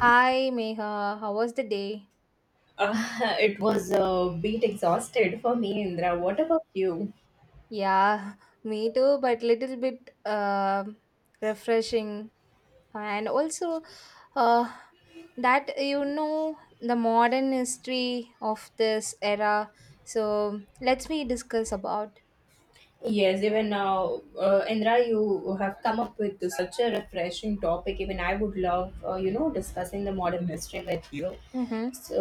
Hi Meha, how was the day? It was a bit exhausted for me, Indra. What about you? Yeah, me too, but little bit refreshing. And also, uh, that you know the modern history of this era. So let's me discuss about. Yes, even now, Indra, you have come up with such a refreshing topic. Even I would love, discussing the modern history with you. Mm-hmm. So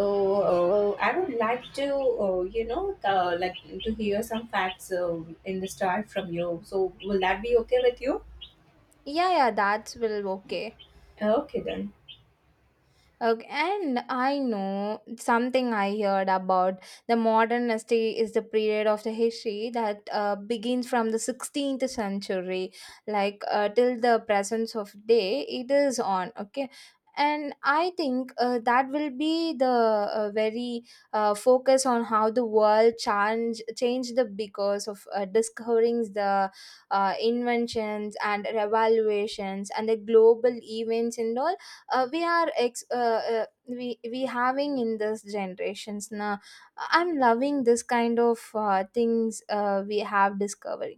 I would like to, like to hear some facts in the start from you. So will that be okay with you? Yeah, yeah, that's will okay. Okay then. Okay, and I know something I heard about the modernity is the period of the history that begins from the 16th century, like till the presence of day, it is on. Okay, and I think that will be the very focus on how the world changed the because of discovering the inventions and revaluations and the global events and all we are ex we having in this generations now. I'm loving this kind of things we have discovered.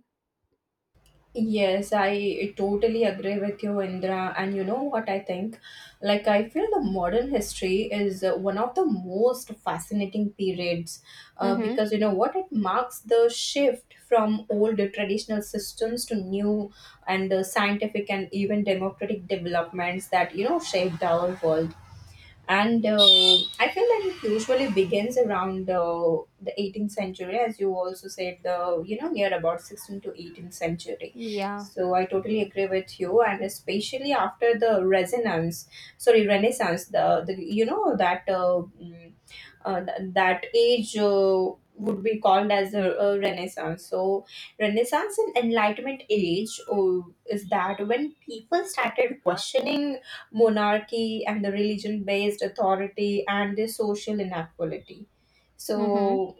Yes, I totally agree with you, Indra. And you know what I think? Like, I feel the modern history is one of the most fascinating periods Mm-hmm. because you know what? It marks the shift from old traditional systems to new and scientific and even democratic developments that you know shaped our world, and I feel that it usually begins around the 18th century, as you also said, the you know near about 16th to 18th century. Yeah. So I totally agree with you, and especially after the resonance, sorry renaissance, the you know that that age would be called as a renaissance. So renaissance and enlightenment age is that when people started questioning monarchy and the religion based authority and the social inequality. Mm-hmm. So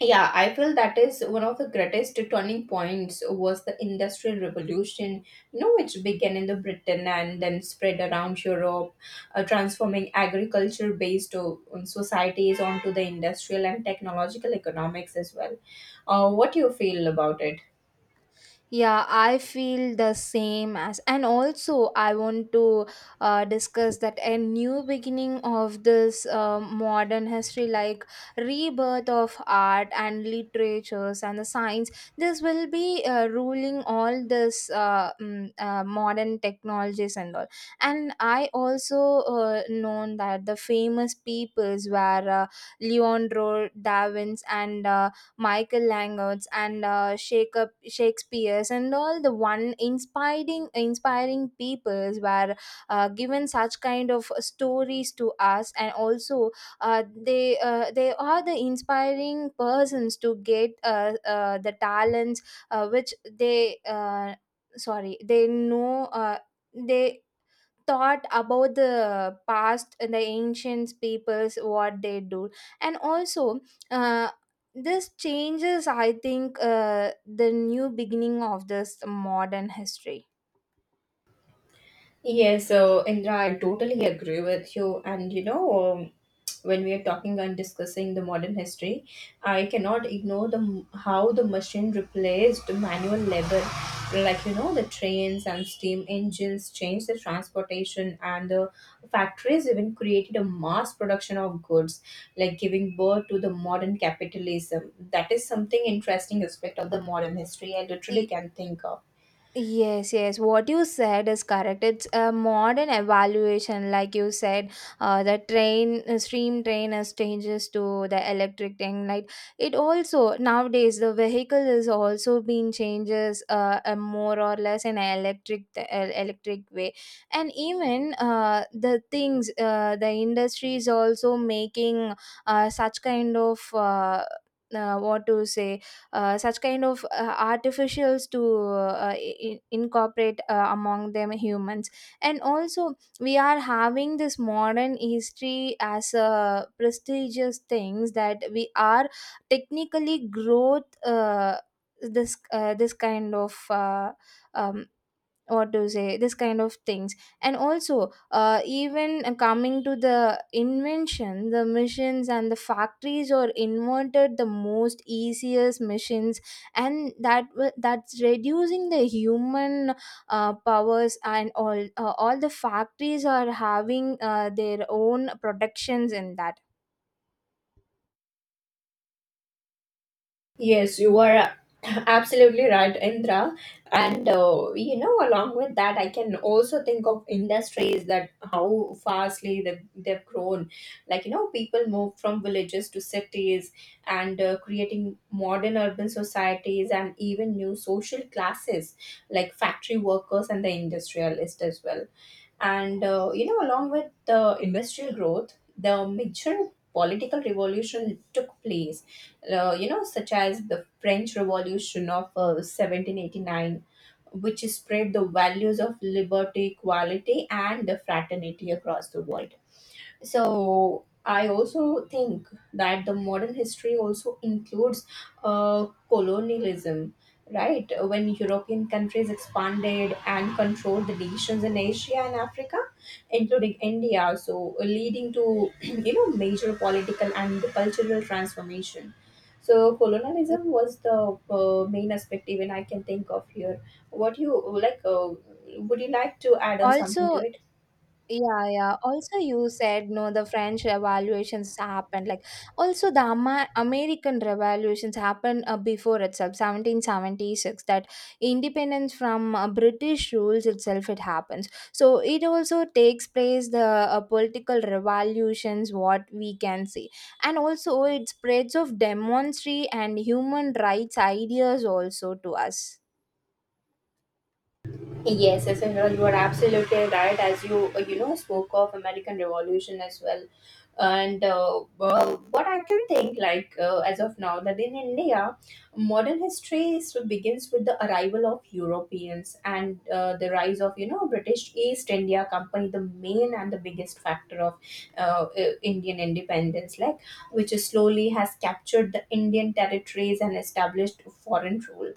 yeah, I feel that is one of the greatest turning points was the industrial revolution, you know, which began in the Britain and then spread around Europe, transforming agriculture based on societies onto the industrial and technological economics as well. What do you feel about it? Yeah, I feel the same as, and also I want to discuss that a new beginning of this modern history, like rebirth of art and literatures and the science. This will be ruling all this modern technologies and all. And I also known that the famous peoples were Leonardo da Vinci and Michael Langots and Shakespeare's and all the one inspiring peoples were given such kind of stories to us, and also they are the inspiring persons to get the talents which they sorry they know they thought about the past and the ancient peoples what they do, and also uh, this changes I think the new beginning of this modern history. Yes, so Indra, I totally agree with you. And you know, when we are talking and discussing the modern history, I cannot ignore the how the machine replaced manual labor. Like you know, the trains and steam engines changed the transportation, and the factories even created a mass production of goods, like giving birth to the modern capitalism. That is something interesting aspect of the modern history. I literally can think of. Yes, yes. What you said is correct. It's a modern evaluation, like you said. The train stream train has changes to the electric train. Like it also nowadays the vehicle is also being changes more or less in an electric electric way, and even the industry is also making such kind of. What to say Such kind of artificials to incorporate among them humans, and also we are having this modern history as a prestigious things that we are technically growth. This kind of um, what to say this kind of things. And also even coming to the invention, the machines and the factories are invented the most easiest machines, and that's reducing the human powers and all. All the factories are having their own productions in that Yes, you are absolutely right, Indra. And you know, along with that, I can also think of industries that how fastly they've grown. Like, you know, people move from villages to cities and creating modern urban societies and even new social classes like factory workers and the industrialists as well. And you know, along with the industrial growth, the major political revolution took place. You know, such as the French Revolution of 1789, which spread the values of liberty, equality, and the fraternity across the world. So I also think that the modern history also includes colonialism, right, when European countries expanded and controlled the nations in Asia and Africa, including India, so leading to you know major political and cultural transformation. So colonialism was the main aspect even I can think of here. What you like would you like to add on something to also. it? Yeah, yeah. Also, you said no, the French revolutions happened. Like, also the American revolutions happened before itself, 1776. That independence from British rules itself, it happens. So it also takes place the political revolutions, what we can see, and also it spreads of demonstry and human rights ideas also to us. Yes, yes, Anirudh, you are absolutely right. As you you know spoke of American Revolution as well, and well, what I can think like as of now that in India, modern history is- begins with the arrival of Europeans and the rise of you know British East India Company, the main and the biggest factor of Indian independence, like which slowly has captured the Indian territories and established foreign rule.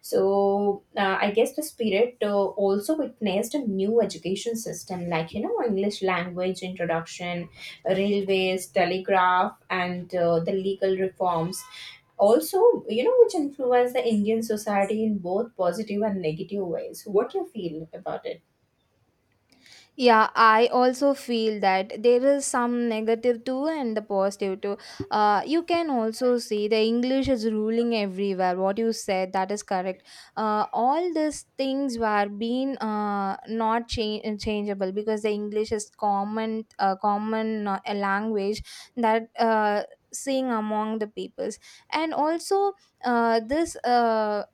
So I guess the spirit also witnessed a new education system, like you know, English language introduction, railways, telegraph, and the legal reforms. Also, you know, which influenced the Indian society in both positive and negative ways. What do you feel about it? Yeah, I also feel that there is some negative too and the positive too. You can also see the English is ruling everywhere. What you said, that is correct. All these things were being not cha- changeable because the English is common, a language that seeing among the peoples, and also this.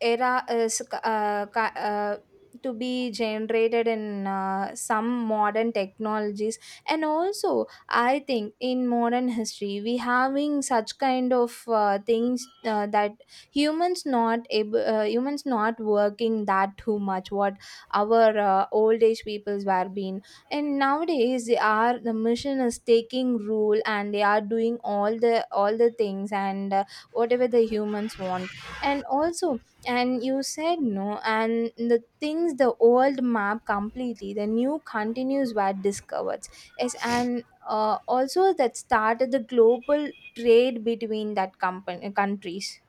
Era is to be generated in some modern technologies. And also I think in modern history we having such kind of things that humans not able humans not working that too much what our old age peoples were being, and nowadays they are the mission is taking rule and they are doing all the things, and whatever the humans want. And also, and you said no, and the things the old map completely the new continues were discovered. Yes, and also that started the global trade between that company countries.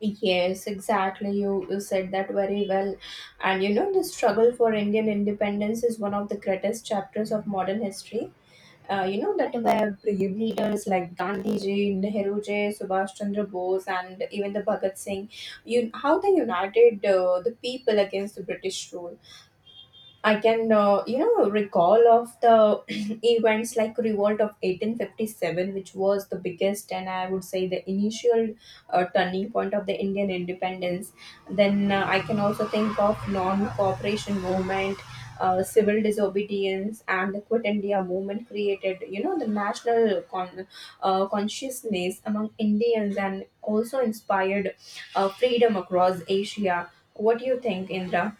Yes, exactly. You said that very well. And you know, the struggle for Indian independence is one of the greatest chapters of modern history. You know, that were brave leaders like Gandhi ji, Nehru ji, Subhash Chandra Bose, and even the Bhagat Singh. You, how they united the people against the British rule. I can, you know, recall of the events like Revolt of 1857, which was the biggest and I would say the initial turning point of the Indian independence. Then I can also think of non-cooperation movement, civil disobedience, and the Quit India movement created, you know, the national consciousness among Indians and also inspired freedom across Asia. What do you think, Indra?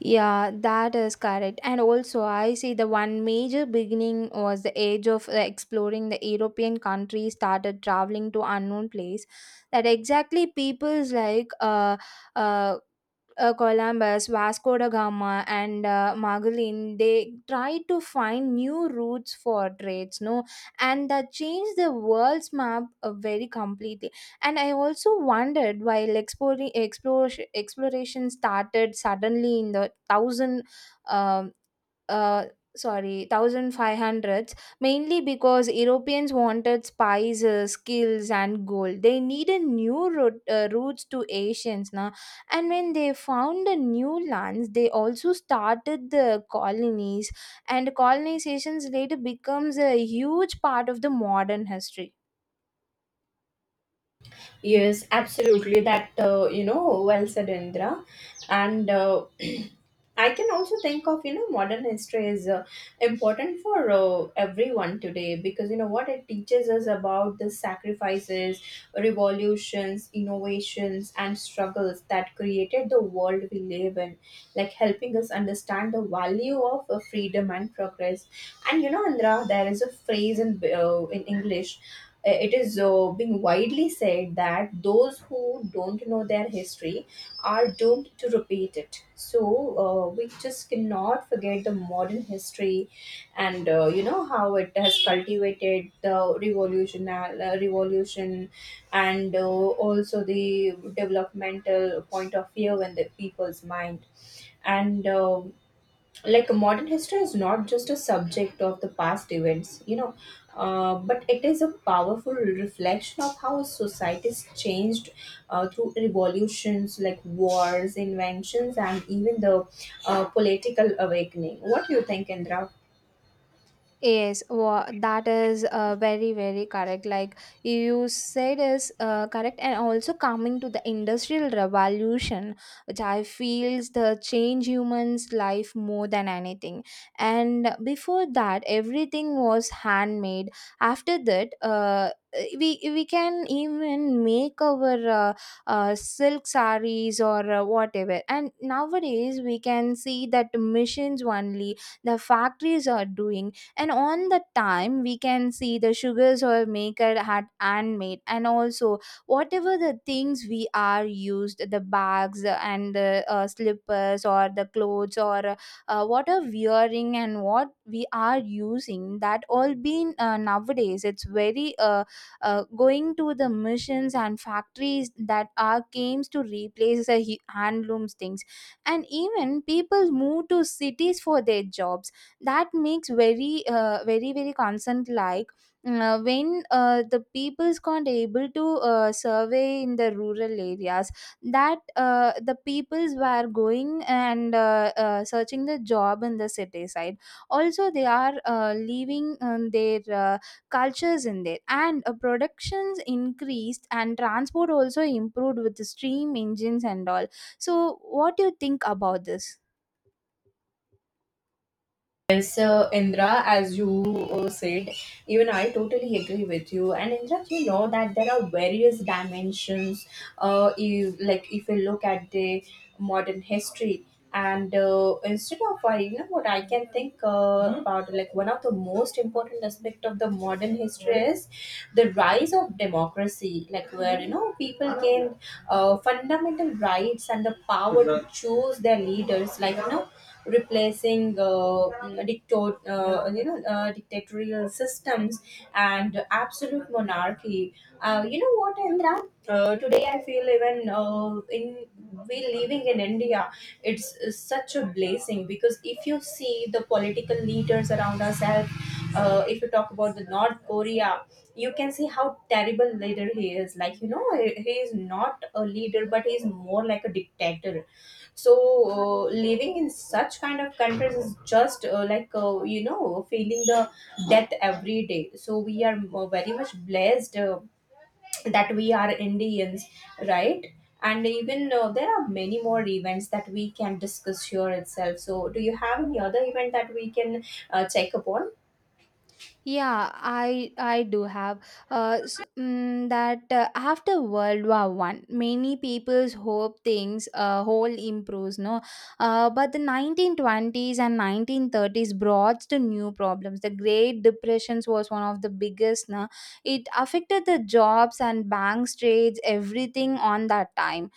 Yeah, that is correct. And also, I see the one major beginning was the age of exploring the European countries started traveling to unknown place. That exactly peoples like uh, Columbus, Vasco da Gama, and Magellan, they tried to find new routes for trades, no, and that changed the world's map very completely. And I also wondered while exploring exploration exploration started suddenly in the um, uh, thousand five hundreds, mainly because Europeans wanted spices, skills, and gold. They needed routes to Asians now, and when they found the new lands, they also started the colonies, and colonizations later becomes a huge part of the modern history. Yes, absolutely. That you know, well said, Indra. And I can also think of you know modern history is important for everyone today, because you know what, it teaches us about the sacrifices, revolutions, innovations, and struggles that created the world we live in, like helping us understand the value of freedom and progress. And you know, Andra, there is a phrase in English. It is being widely said that those who don't know their history are doomed to repeat it. So we just cannot forget the modern history, and you know how it has cultivated the revolution, and also the developmental point of view in the people's mind. And like modern history is not just a subject of the past events, you know, but it is a powerful reflection of how societies changed through revolutions like wars, inventions, and even the political awakening. What do you think, Indra? Yes, wa that is very, very correct. Like you said, is correct, and also coming to the industrial revolution, which I feels the change humans' life more than anything. And before that, everything was handmade. After that, we can even make our silk sarees or whatever. And nowadays, we can see that machines only the factories are doing, and on the time we can see the sugars or maker had handmade, and also whatever the things we are used the bags and the slippers or the clothes or what are wearing and what we are using that all been nowadays it's very going to the machines and factories that are games to replace the handlooms things, and even people move to cities for their jobs, that makes very very concerned. Like when the people's can't able to survey in the rural areas, that the peoples were going and searching the job in the city side. Also they are leaving their cultures in there, and productions increased and transport also improved with the steam engines and all. So what do you think about this? Yes, Indra, as you said, even I totally agree with you. And Indra, you know that there are various dimensions. If, like if you look at the modern history, and instead of you know what I can think about, like one of the most important aspect of the modern history is the rise of democracy. Like where you know people gained fundamental rights and the power to choose their leaders. Like you know replacing dictatorial systems and absolute monarchy. You know what, Indra? Today I feel even in we living in India, it's such a blessing because if you see the political leaders around ourselves, if you talk about the North Korea, you can see how terrible leader he is. Like you know, he is not a leader, but he is more like a dictator. So living in such kind of countries is just like you know feeling the death every day. So we are very much blessed that we are Indians, right? And even there are many more events that we can discuss here itself. So do you have any other event that we can check upon? Yeah, I do have that after World War One, many people's hope things whole improves no, but the 1920s and nineteen thirties brought the new problems. The Great Depressions was one of the biggest. No, it affected the jobs and banks trades everything on that time.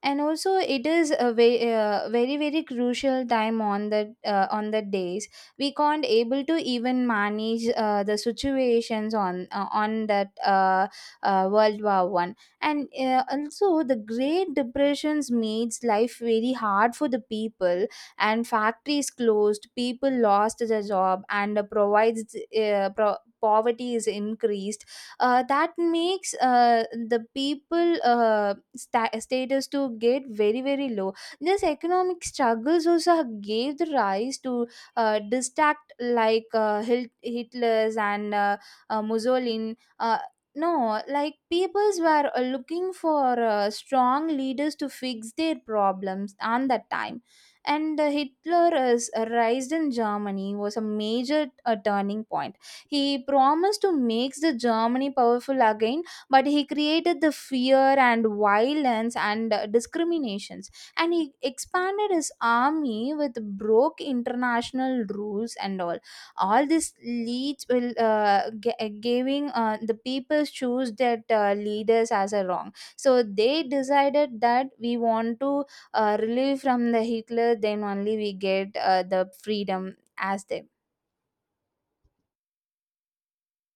And also it is a very very crucial time on the days we can't able to even manage the situations on that world war 1. And also the great depressions makes life very hard for the people, and factories closed, people lost their job, and poverty is increased. That makes the people status to get very very low. This economic struggles also gave the rise to distract like hitler's and mussolini, no, like peoples were looking for strong leaders to fix their problems on that time. And hitler's rise in germany was a major turning point. He promised to make the Germany powerful again, but he created the fear and violence and discriminations. And he expanded his army with broke international rules and all. All this leads will giving the people choose that leaders as a wrong. So they decided that we want to relieve from the Hitler, then only we get the freedom as them.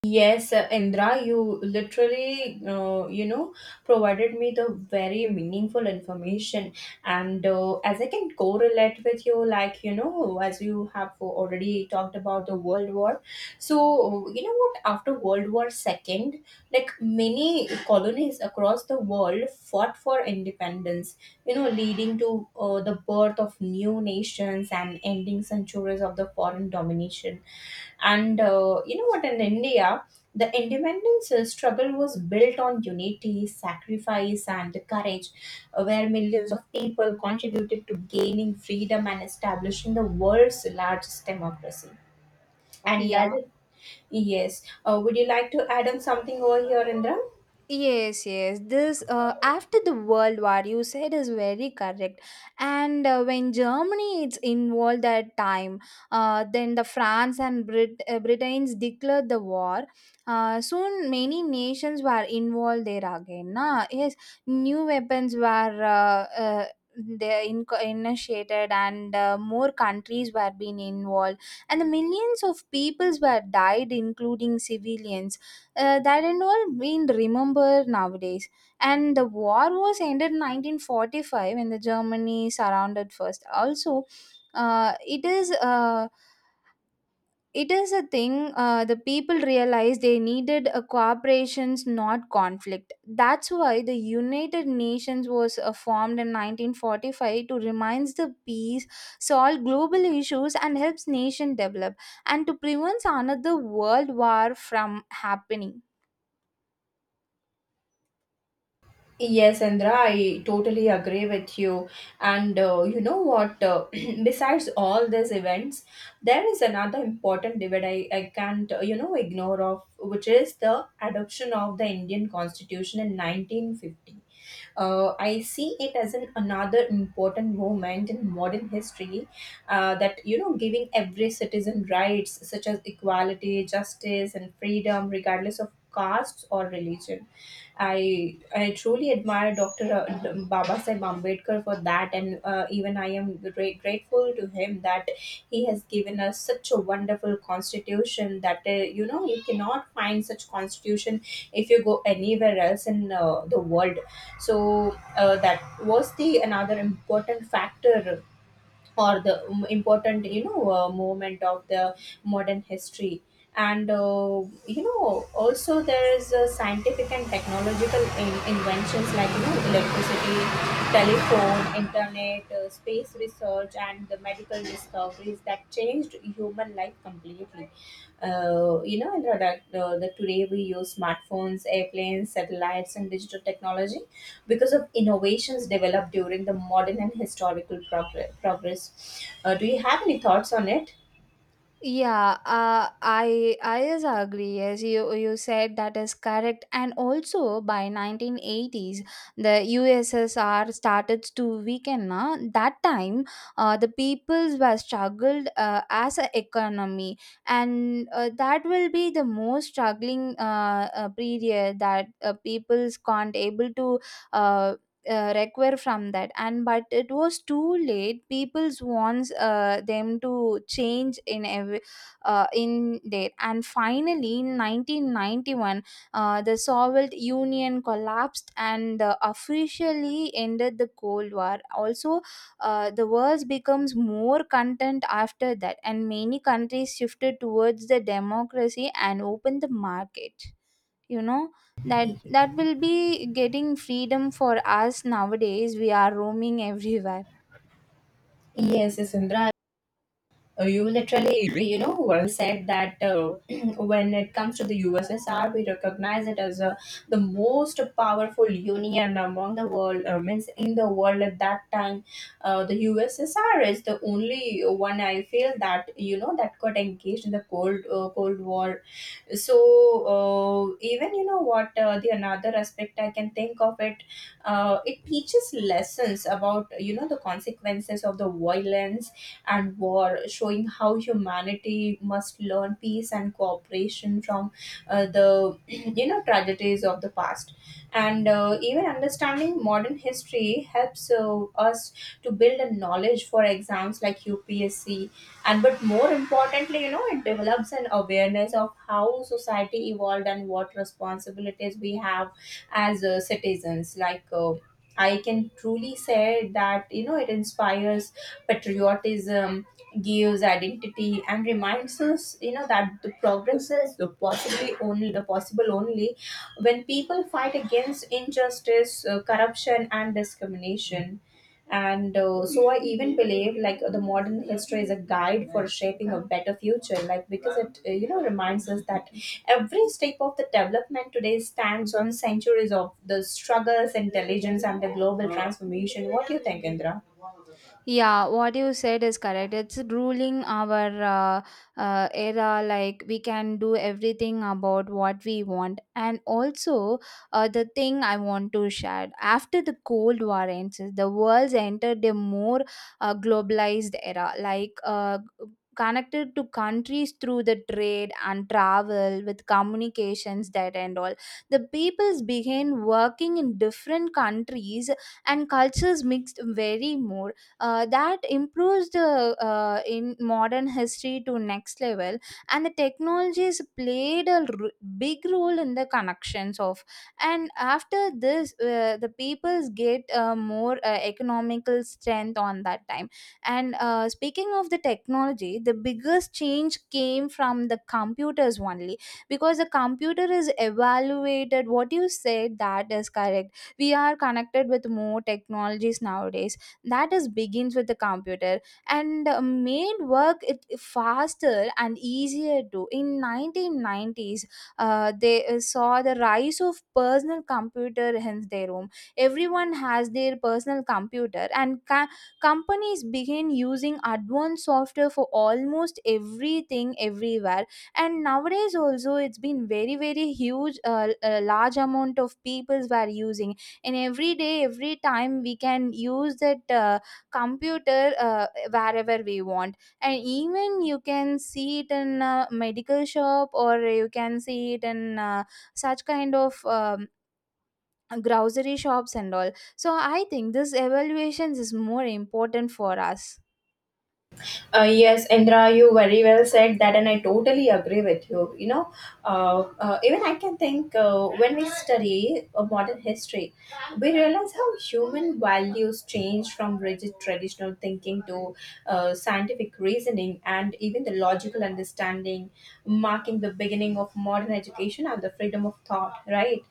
Yes, Indra, you literally, you know, provided me the very meaningful information. And as I can correlate with you, like, you know, as you have already talked about the World War. So, you know what, after World War Second, like many colonies across the world fought for independence, you know, leading to the birth of new nations and ending centuries of the foreign domination. And you know what, in India, the independence struggle was built on unity, sacrifice, and courage, where millions of people contributed to gaining freedom and establishing the world's largest democracy. And as Yeah. it- yes, would you like to add on something over here, Indra? Yes, yes. This after the World War, you said is very correct. And when Germany is involved at time, then the France and Britain's declared the war. Soon many nations were involved there again. Na? Yes, new weapons were. They initiated and more countries were being involved, and the millions of peoples were died including civilians, that and all being remembered nowadays. And the war was ended in 1945 when the Germany surrounded first. Also, uh, it is. Uh, it is a thing the people realized they needed a cooperations not conflict, that's why the united nations was formed in 1945 to remind the peace, solve global issues and helps nation develop, and to prevent another world war from happening. Yes, Indra, I totally agree with you. And you know what? Besides all these events, there is another important debate I can't, you know, ignore of, which is the adoption of the Indian Constitution in 1950. I see it as an another important moment in modern history that, you know, giving every citizen rights such as equality, justice, and freedom, regardless of caste or religion. I truly admire Dr. Baba Sahib Ambedkar for that, and even I am great grateful to him that he has given us such a wonderful constitution that you know you cannot find such constitution if you go anywhere else in the world. So that was the another important factor, or the important, you know, moment of the modern history. And you know also there is scientific and technological inventions like you know electricity, telephone, internet, space research, and the medical discoveries that changed human life completely. You know, in the today we use smartphones, airplanes, satellites, and digital technology because of innovations developed during the modern and historical progress. Do you have any thoughts on it? Yeah, I is agree. Yes, you said that is correct. And also by 1980s, the USSR started to weaken. Na. That time, the peoples were struggled as an economy, and that will be the most struggling period that peoples can't able to uh, recover from that. And but it was too late, people's wants them to change in every in there, and finally in 1991 the soviet union collapsed and officially ended the cold war. Also the wars becomes more content after that, and many countries shifted towards the democracy and opened the market, you know, that that will be getting freedom for us nowadays we are roaming everywhere. Yes, yes, Indra. You literally, you know, well said that when it comes to the USSR, we recognize it as the most powerful union among the world, means in the world at that time. The USSR is the only one I feel that got engaged in the Cold War. So, even, what the another aspect I can think of it, it teaches lessons about, the consequences of the violence and war, showing how humanity must learn peace and cooperation from the tragedies of the past. And even understanding modern history helps us to build a knowledge for exams like UPSC. And but more importantly, it develops an awareness of how society evolved and what responsibilities we have as citizens. Like, I can truly say that, it inspires patriotism, gives identity, and reminds us, that the progress is the possible only when people fight against injustice, corruption, and discrimination. And so I even believe, like, the modern history is a guide for shaping a better future, like, because it, reminds us that every step of the development today stands on centuries of the struggles, intelligence, and the global transformation. What do you think, Indra? Yeah, what you said is correct. It's ruling our era, like we can do everything about what we want. And also, the thing I want to share, after the Cold War ends, the world's entered a more globalized era, like connected to countries through the trade and travel with communications that and all. The peoples began working in different countries and cultures mixed very more, that improves the in modern history to next level, and the technologies played big role in the connections of. And after this, the peoples get more economical strength on that time. And speaking of the technology, the biggest change came from the computers only, because the computer is evaluated. What you said, that is correct. We are connected with more technologies nowadays. That is begins with the computer and made work it faster and easier too. In 1990s, they saw the rise of personal computer in their home. Everyone has their personal computer and companies begin using advanced software for almost everything everywhere, and nowadays also it's been very very huge. A large amount of peoples were using, and every day every time we can use that computer wherever we want, and even you can see it in a medical shop, or you can see it in such kind of grocery shops and all. So I think this evaluations is more important for us. Yes, Indra, you very well said that, and I totally agree with you. Even I can think, when we study modern history, we realize how human values change from rigid traditional thinking to scientific reasoning and even the logical understanding, marking the beginning of modern education and the freedom of thought, right?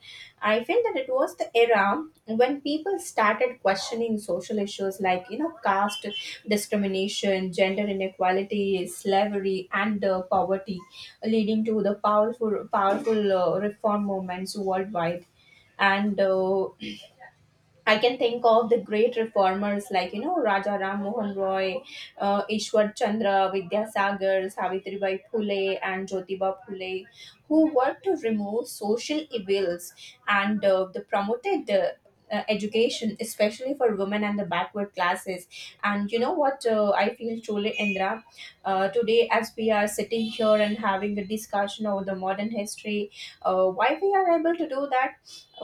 I feel that it was the era when people started questioning social issues like, caste discrimination, gender inequality, slavery, and poverty, leading to the powerful reform movements worldwide. And I can think of the great reformers like, Raja Ram Mohan Roy, Ishwar Chandra, Vidyasagar, Savitribai Phule, and Jyotiba Phule, who worked to remove social evils and the promoted education, especially for women and the backward classes. And you know what, I feel truly, Indra? Today, as we are sitting here and having a discussion over the modern history, why we are able to do that?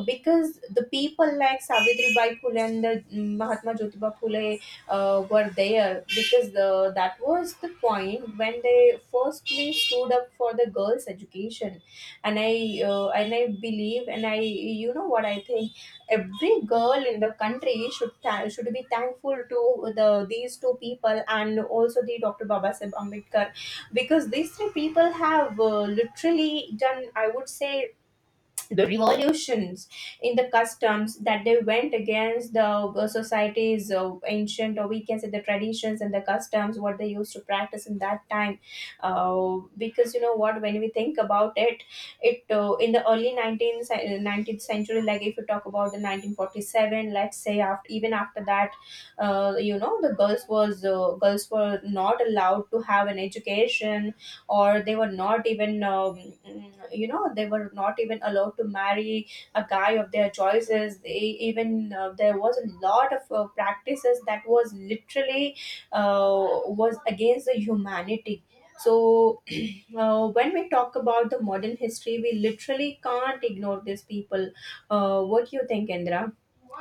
Because the people like Savitribai Phule and the Mahatma Jyotiba Phule were there, because the that was the point when they firstly stood up for the girls' education, and I believe, and I, you know what I think, every girl in the country should be thankful to these two people and also the Dr. Baba Sahib Ambedkar, because these three people have literally done, I would say, the revolutions in the customs, that they went against the, society's ancient, or we can say, the traditions and the customs what they used to practice in that time. Because, you know what, when we think about it, in the early 19th century, like, if you talk about the 1947, let's say, after, even after that, the girls were not allowed to have an education, or they were not even, allowed to marry a guy of their choices. They even, there was a lot of practices that was literally, uh, was against the humanity. So, when we talk about the modern history, we literally can't ignore these people. What do you think, Indra?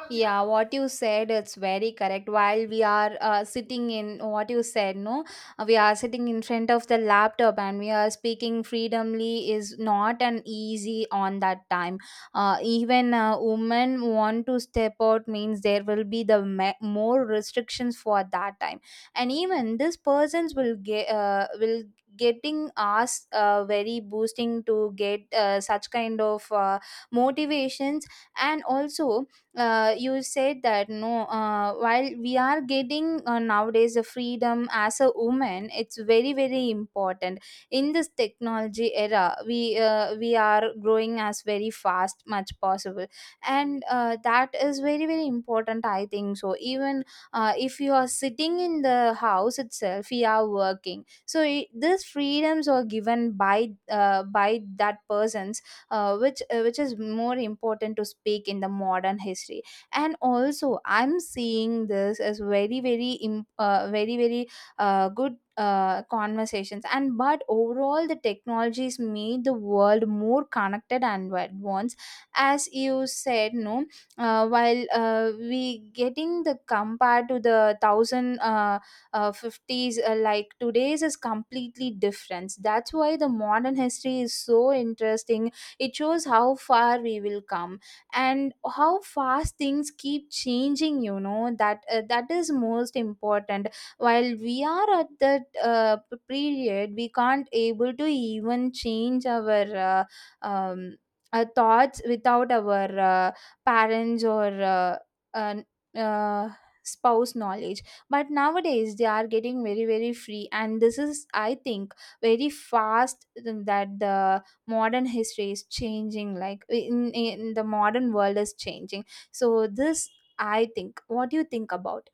Yeah, what you said, it's very correct. While we are sitting in, what you said, no, we are sitting in front of the laptop and we are speaking freedomly is not an easy on that time. Even women want to step out means there will be the more restrictions for that time, and even this persons will get will getting us very boosting to get such kind of motivations. And also, you said that, no, while we are getting nowadays a freedom as a woman, it's very very important. In this technology era, we are growing as very fast much possible, and that is very very important, I think. So even, if you are sitting in the house itself, you are working. So it, these freedoms are given by that person, which is more important to speak in the modern history. And also, I'm seeing this as very very very very good conversations. And but overall, the technologies made the world more connected and advanced, as you said, no. While we getting the, compared to the thousand 50s, like today's is completely different. That's why the modern history is so interesting. It shows how far we will come and how fast things keep changing, you know that, that is most important. While we are at that period, we can't able to even change our um, thoughts without our parents or uh, uh, spouse knowledge. But nowadays they are getting very very free, and this is, I think, very fast, that the modern history is changing, like in the modern world is changing. So this, I think, what do you think about?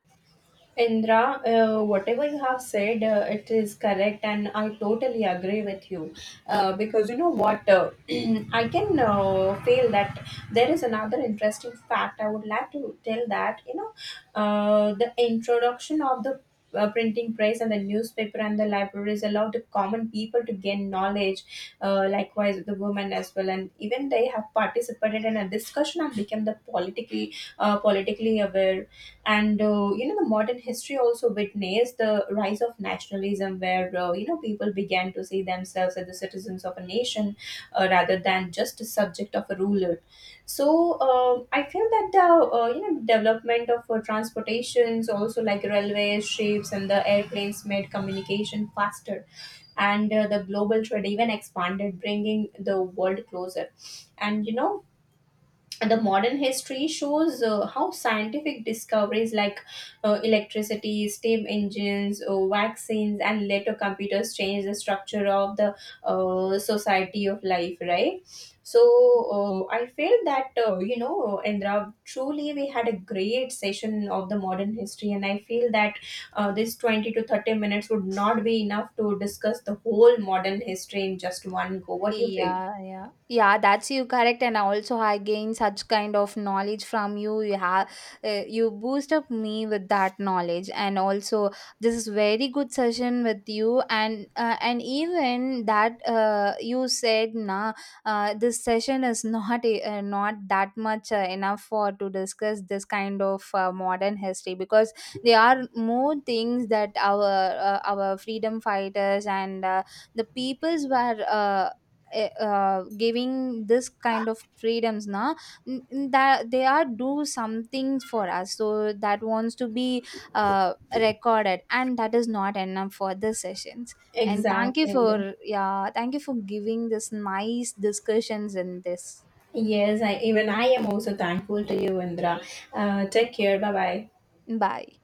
Indra, whatever you have said, it is correct, and I totally agree with you. Because, you know what, I can, feel that there is another interesting fact I would like to tell that, the introduction of the, printing press and the newspaper and the libraries allowed the common people to gain knowledge. Likewise, the women as well, and even they have participated in a discussion and became the politically aware. And the modern history also witnessed the rise of nationalism, where people began to see themselves as the citizens of a nation, rather than just a subject of a ruler. So, I feel that the, development of transportations also like railways, ships, and the airplanes made communication faster, and the global trade even expanded, bringing the world closer. And the modern history shows how scientific discoveries like, electricity, steam engines, vaccines, and later computers changed the structure of the, society of life, right? So, I feel that, Indra, truly we had a great session of the modern history, and I feel that, this 20 to 30 minutes would not be enough to discuss the whole modern history in just one go. What do you feel? Yeah, yeah, yeah. That's you correct, and also I gain such kind of knowledge from you. You have, you boost up me with that knowledge, and also this is very good session with you. And even that, you said, nah, this session is not that much enough for to discuss this kind of modern history, because there are more things that our freedom fighters and the peoples were giving this kind of freedoms now, that they are do something for us, so that wants to be recorded, and that is not enough for the sessions. And thank you Exactly. for, yeah, thank you for giving this nice discussions in this. Yes, even I am also thankful to you, Indra. Take care. Bye bye. Bye.